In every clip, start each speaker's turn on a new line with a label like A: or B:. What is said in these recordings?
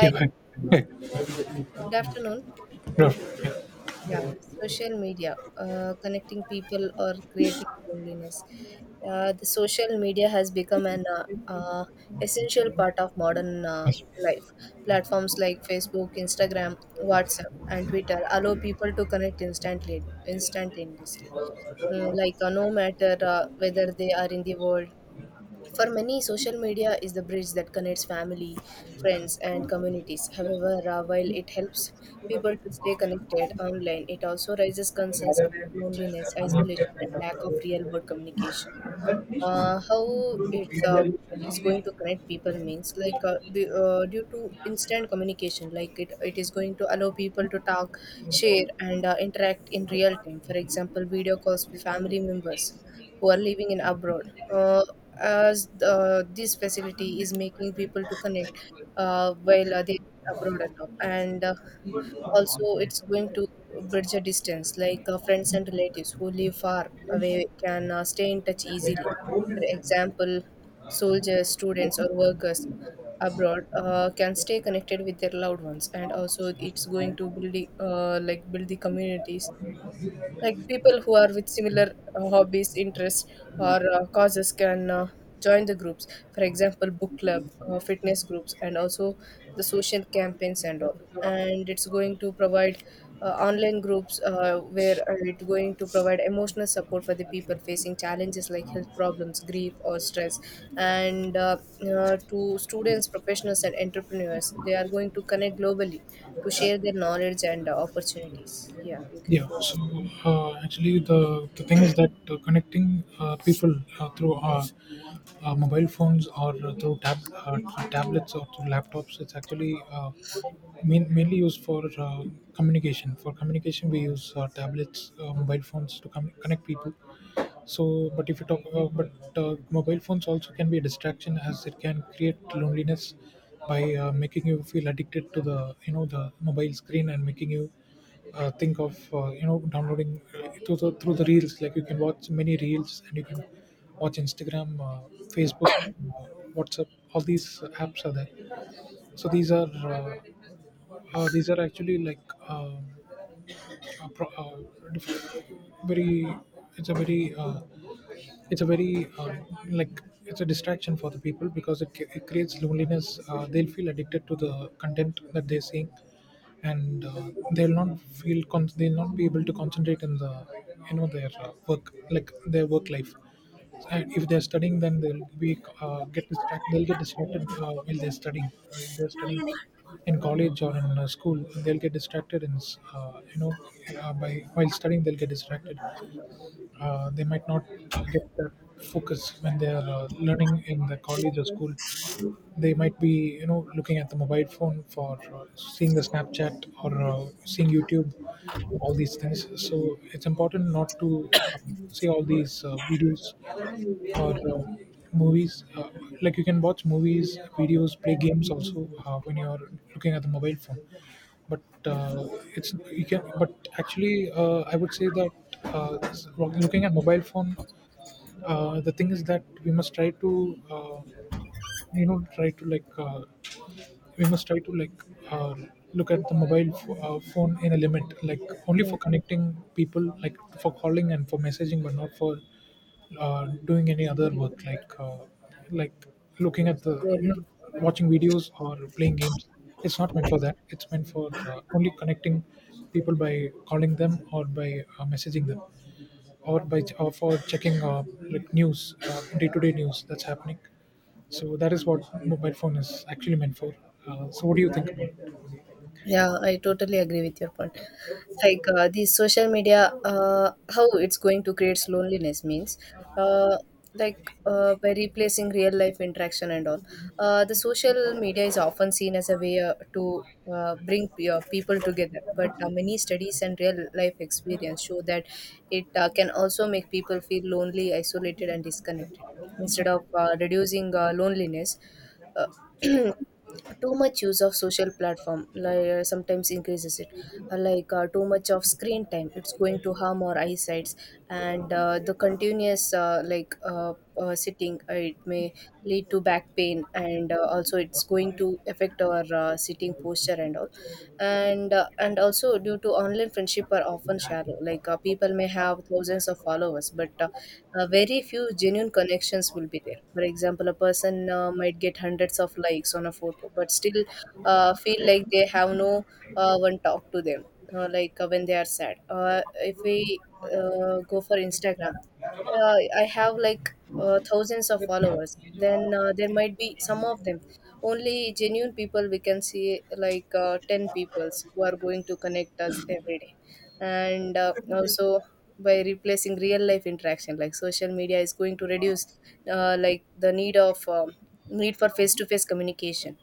A: Yeah, hi. Hey,
B: good afternoon. Yeah, social media, connecting people or creating loneliness. The social media has become an essential part of modern life. Platforms like Facebook, Instagram, WhatsApp, and Twitter allow people to connect instantly, instantaneously. Like, no matter whether they are in the world. For many, social media is the bridge that connects family, friends, and communities. However, while it helps people to stay connected online, it also raises concerns about loneliness, isolation, and lack of real world communication. How it's It is going to connect people, means, like, due to instant communication, like, it is going to allow people to talk, share, and interact in real time. For example, video calls with family members who are living in abroad. uh, as this facility is making people to connect, while they abroad and all, and also, it's going to bridge a distance, like friends and relatives who live far away can stay in touch
A: no,
B: easily. For
A: yeah,
B: example, soldiers, students, or workers abroad can stay connected with their loved ones, and also it's
A: yes.
B: going to build the communities, like people who are with similar hobbies, interests, or causes can join the groups, for example, book club, fitness groups, and also the social campaigns and all, and it's going to provide online groups where it's going to provide emotional support for the people facing challenges like health problems, grief, or stress, and to students, professionals, and entrepreneurs, they are going to connect globally to share their knowledge and opportunities. Yeah, you can go
A: Yeah, so
B: ahead.
A: actually, the thing is that connecting people through mobile phones or through tablets or through laptops, it's actually mainly used for communication. For communication, we use tablets, mobile phones to connect people. So, but if you talk about, but mobile phones also can be a distraction as it can create loneliness by making you feel addicted to the, you know, the mobile screen and making you think of, you know, downloading through the reels. Like, you can watch many reels and you can watch Instagram, Facebook, WhatsApp, all these apps are there. So uh, these are actually like, um, uh, pro- uh, diff- very, it's a very, it's a very, like, it's a distraction for the people because it creates loneliness. Uh, they'll feel addicted to the content that they're seeing, and they'll not they'll not be able to concentrate in the, you know, their work, like their work life. And if they're studying, then they'll be get distracted. They'll get distracted while they're studying. If they're studying in college or in school, they'll get distracted, and you know, by while studying, they'll get distracted. Uh, they might not get that focus when they are learning in the college or school. They might be, you know, looking at the mobile phone for seeing the Snapchat or seeing YouTube, all these things. So it's important not to see all these videos or movies. Like, you can watch movies, videos, play
B: Yeah,
A: games also when you are looking at the mobile phone, but
B: yeah,
A: uh, it's, you can, but actually, I would say that looking at mobile phone, the thing is that we must try to, uh, you know, try to like, we must try to like, uh, look at the phone in a limit, like only
B: yeah.
A: for connecting people, like for calling and for messaging, but not for doing any other
B: Scrolling,
A: work, like looking at the, you know,
B: scrolling.
A: watching videos or playing games. It's not meant for that. It's meant for only connecting people by calling them or by messaging them, or by, or for checking like news, day-to-day news that's happening. So that is what mobile phone is actually meant for. So what do you
B: Yeah.
A: think
B: Yeah, I totally agree with your point. Like, the social media, how it's going to create loneliness, means, uh, like, by replacing real life interaction and all. The social media is often seen as a way to bring people together, but many studies and real life experience show that it can also make people feel lonely, isolated, and disconnected. Instead of reducing loneliness. Uh, Too much use of social platform, like, sometimes increases it. Like, too much of screen time, it's going to harm our eyesights, and the continuous, sitting, it may lead to back pain, and also it's going to affect our sitting posture and all. And also, due to online friendship are often shallow, like people may have thousands of followers, but very few genuine connections will be there. For example, a person might get hundreds of likes on a photo, but still feel like they have no one talk to them, like when they are sad. If we go for Instagram, I have, like, thousands of followers, then there might be some of them. Only genuine people we can see, like, 10 peoples who are going to connect us every day. And also, by replacing real life interaction, like social media is going to reduce, like the need of, need for face to face communication.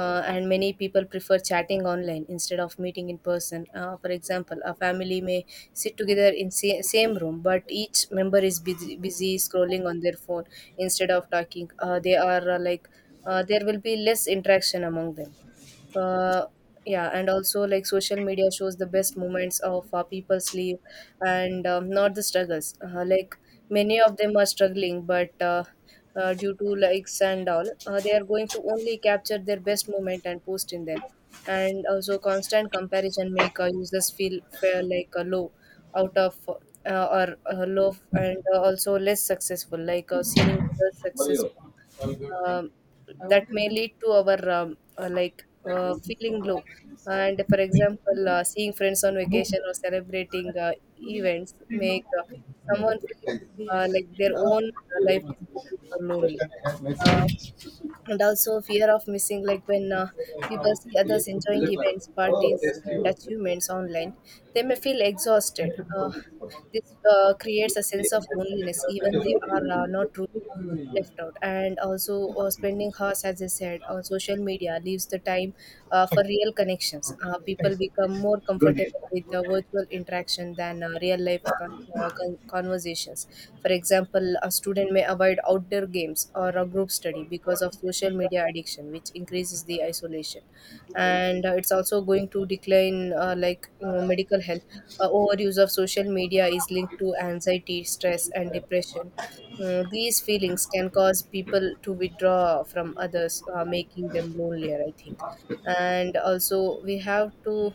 B: And many people prefer chatting online instead of meeting in person, for example, a family may sit together in same room, but each member is busy scrolling on their phone instead of talking. They are, there will be less interaction among them. uh, yeah, and also, like, social media shows the best moments of people's life, and not the struggles, like many of them are struggling, but due to likes and all, they are going to only capture their best moment and post in them. And also, constant comparison make users feel like, low out of, or low, and also less successful, like seeing others
A: about
B: successful, um, that may lead to our, feeling low. And, for example, seeing friends on vacation or celebrating events make someone feel like their own life is boring or lonely. Uh, and also, fear of missing, like when people see others enjoying events, parties, and
A: it?
B: achievements online, they may feel exhausted.
A: Hi,
B: This creates a sense of loneliness, even they are not truly left out. And also, spending hours, as I said, on social media leaves the time for real connections. People
A: thanks.
B: become more comfortable with the virtual interaction than real life conversations. For example, a student may avoid outdoor games or a group study because of social media addiction, which increases the isolation. And it's also going to decline, medical health. Overuse of social media is linked to anxiety, stress, and depression. These feelings can cause people to withdraw from others, making them lonelier, I think. And also, we have to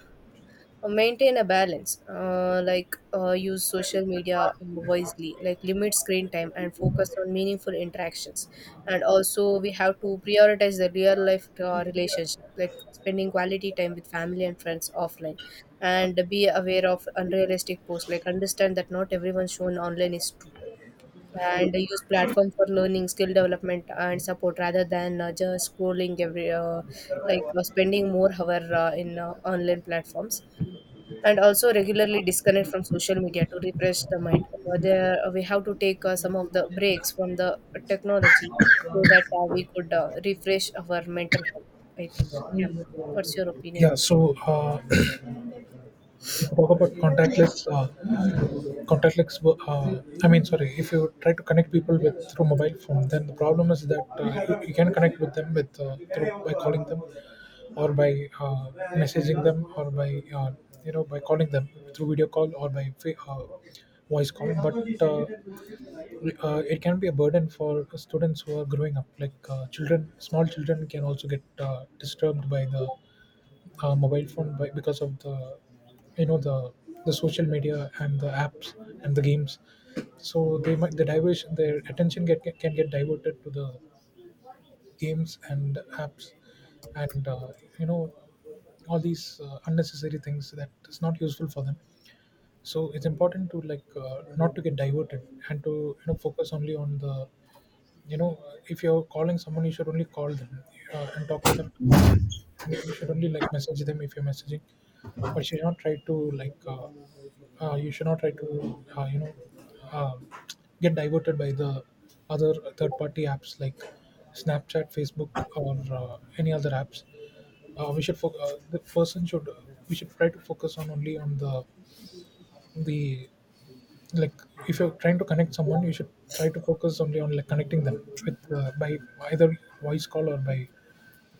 B: maintain a balance, use social media wisely, like limit screen time and focus on meaningful interactions, and also we have to prioritize the real life relationship, like spending quality time with family and friends offline, and be aware of unrealistic posts, like understand that not everyone shown online is true, and use platform for learning, skill development, and support rather than just scrolling every, spending more hour in online platforms, and also regularly disconnect from social media to refresh the mind. Over there, we have to take some of the breaks from the technology so that we could refresh our mental health. I think. Yeah. What's your opinion
A: Yeah,
B: on this?
A: so if you talk about contactless, I mean, sorry, if you try to connect people with through mobile phone, then the problem is that you can connect with them with through, by calling them, or by messaging them, or by uh, you know, by calling them through video call or by voice call. But it can be a burden for students who are growing up, like children, small children can also get disturbed by the mobile phone by, because of the, you know, the social media and the apps and the games. So they might, the diversion, their attention get, can get diverted to the games and apps, and you know, all these unnecessary things that is not useful for them. So it's important to like, not to get diverted and to, you know, focus only on the, you know, if you're calling someone, you should only call them and talk to them, and you should only like message them if you're messaging. But you should not try to like, you should not try to you know, uh, get diverted by the other third party apps like Snapchat, Facebook, or any other apps. Uh, we should the person should, we should try to focus on only on the, like, if you're trying to connect someone, you should try to focus only on like connecting them with, by either voice call or by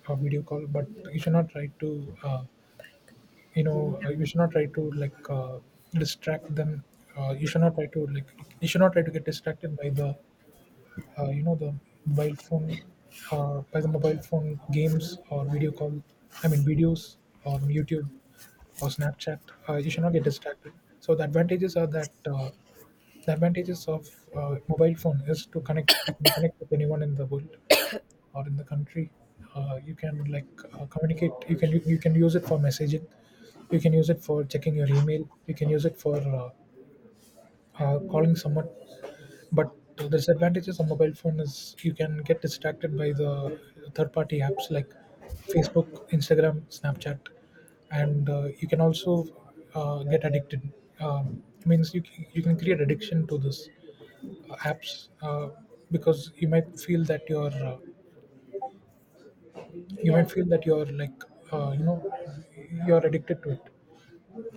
A: video call. But you should not try to you know, you should not try to like, distract them. Uh, you should not try to like, you should not try to get distracted by the, you know, the mobile phone, by the mobile phone games or video call, I mean videos, or YouTube, or Snapchat. Uh, you should not get distracted. So the advantages are that the advantages of mobile phone is to connect. You can connect with anyone in the world or in the country. Uh, you can like, communicate, you can, you can use it for messaging, you can use it for checking your email, you can use it for calling someone. But the disadvantages of mobile phone is you can get distracted by the third-party apps like Facebook, Instagram, Snapchat, and you can also get addicted. Means you you can create addiction to this apps, because you might feel that you're, you might
B: Yeah.
A: feel that you're like, you know, you're addicted to it.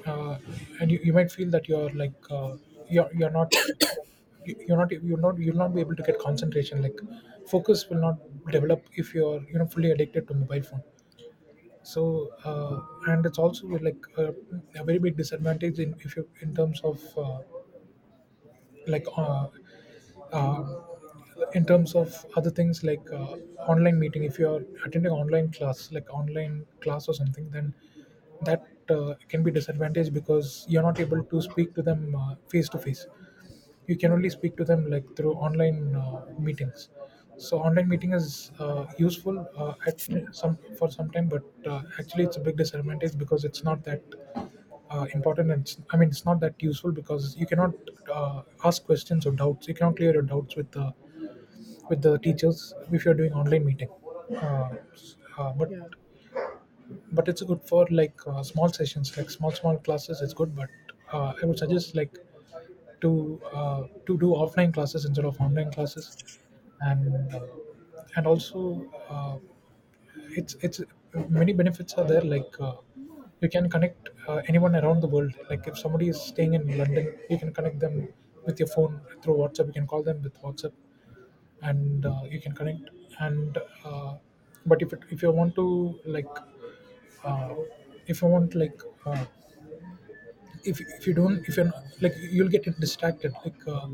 A: Uh, and you might feel that you're like, you're not you- you're not you'll not be able to get concentration, like focus will not develop if you're, you know, fully addicted to mobile phone. So and it's also like a very big disadvantage in, if you, in terms of, like uh, in terms of other things, like online meeting, if you're attending online class, like online class or something, then that can be disadvantage because you're not able to speak to them face to face. You can only speak to them like through online meetings. So online meeting is useful at some, for some time, but actually, it's a big disadvantage because it's not that important, and it's, I mean, it's not that useful because you cannot ask questions or doubts. You cannot clear your doubts with the, with the teachers if you're doing online meeting. uh, s- uh, but
B: Yeah.
A: but it's good for like small sessions, like small classes, it's good. But I would suggest like to do offline classes instead of online classes. And and also uh, it's many benefits are there, like you can connect anyone around the world. Like if somebody is staying in London, you can connect them with your phone through WhatsApp. You can call them with WhatsApp, and you can connect, and uh, but if, it, if you want to like, uh, if you want like, if you don't, if you're not, like, you'll get distracted, like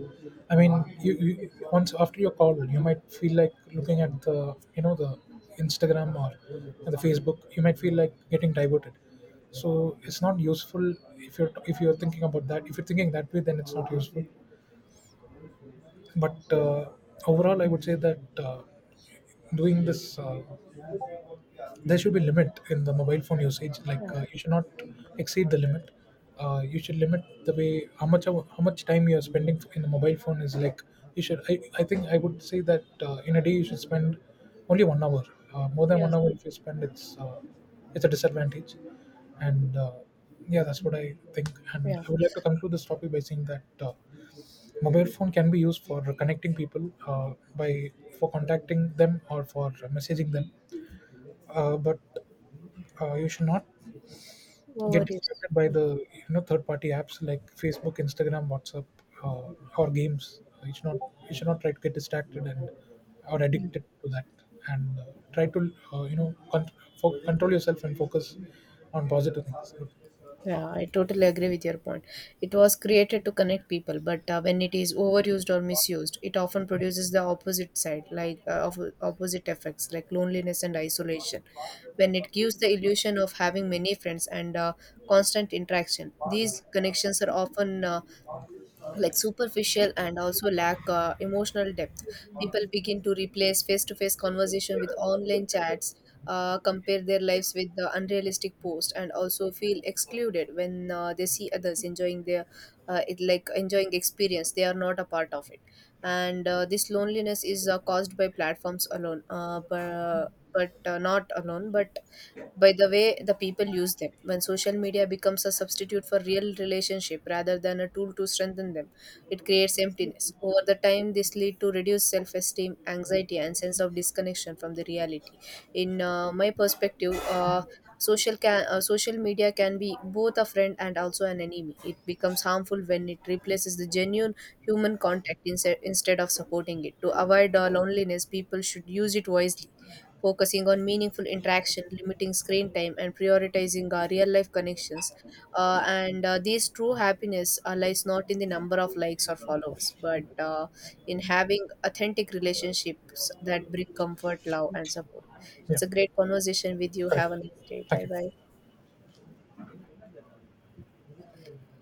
A: I mean, you, once after your call, you might feel like looking at the, you know, the Instagram or the Facebook. You might feel like getting diverted. So it's not useful if you're, if you're thinking about that, if you're thinking that way, then it's not useful. But overall, I would say that doing this, there should be limit in the mobile phone usage. Like
B: Yeah.
A: you should not exceed the limit. Uh, you should limit the way how much of, how much time you are spending in the mobile phone. Is, like, you should, I think I would say that in a day you should spend only 1 hour. Uh, more than
B: Yeah.
A: 1 hour if you spend, it's a disadvantage. And yeah, that's what I think, and
B: Yeah.
A: I would like to conclude this topic by saying that mobile phone can be used for connecting people by, for contacting them or for messaging them, but you should not get
B: Over is.
A: distracted by the, you know, third party apps like Facebook, Instagram, WhatsApp, uh, or games. You should not, you should not try to get distracted and or addicted to that. And try to you know, control yourself and focus on positive things.
B: Yeah, I totally agree with your point. It was created to connect people, but when it is overused or misused, it often produces the opposite side, like, of opposite effects, like loneliness and isolation. When it gives the illusion of having many friends and constant interaction, these connections are often, like, superficial and also lack emotional depth. People begin to replace face-to-face conversation with online chats, compare their lives with the unrealistic post, and also feel excluded when they see others enjoying their, it, like enjoying experience they are not a part of it. And this loneliness is caused by platforms alone, but not alone but by the way the people use them. When social media becomes a substitute for real relationship rather than a tool to strengthen them, it creates emptiness. Over the time, this lead to reduced self-esteem, anxiety, and sense of disconnection from the reality. In my perspective, social media can be both a friend and also an enemy. It becomes harmful when it replaces the genuine human contact instead of supporting it. To avoid loneliness, people should use it wisely, focusing on meaningful interaction, limiting screen time, and prioritizing our real life connections. And this true happiness lies not in the number of likes or followers, but in having authentic relationships that bring comfort, love, and support.
A: Yeah,
B: It's a great conversation with you.
A: correct,
B: Have a nice day.
A: thank
B: Bye
A: you.
B: bye.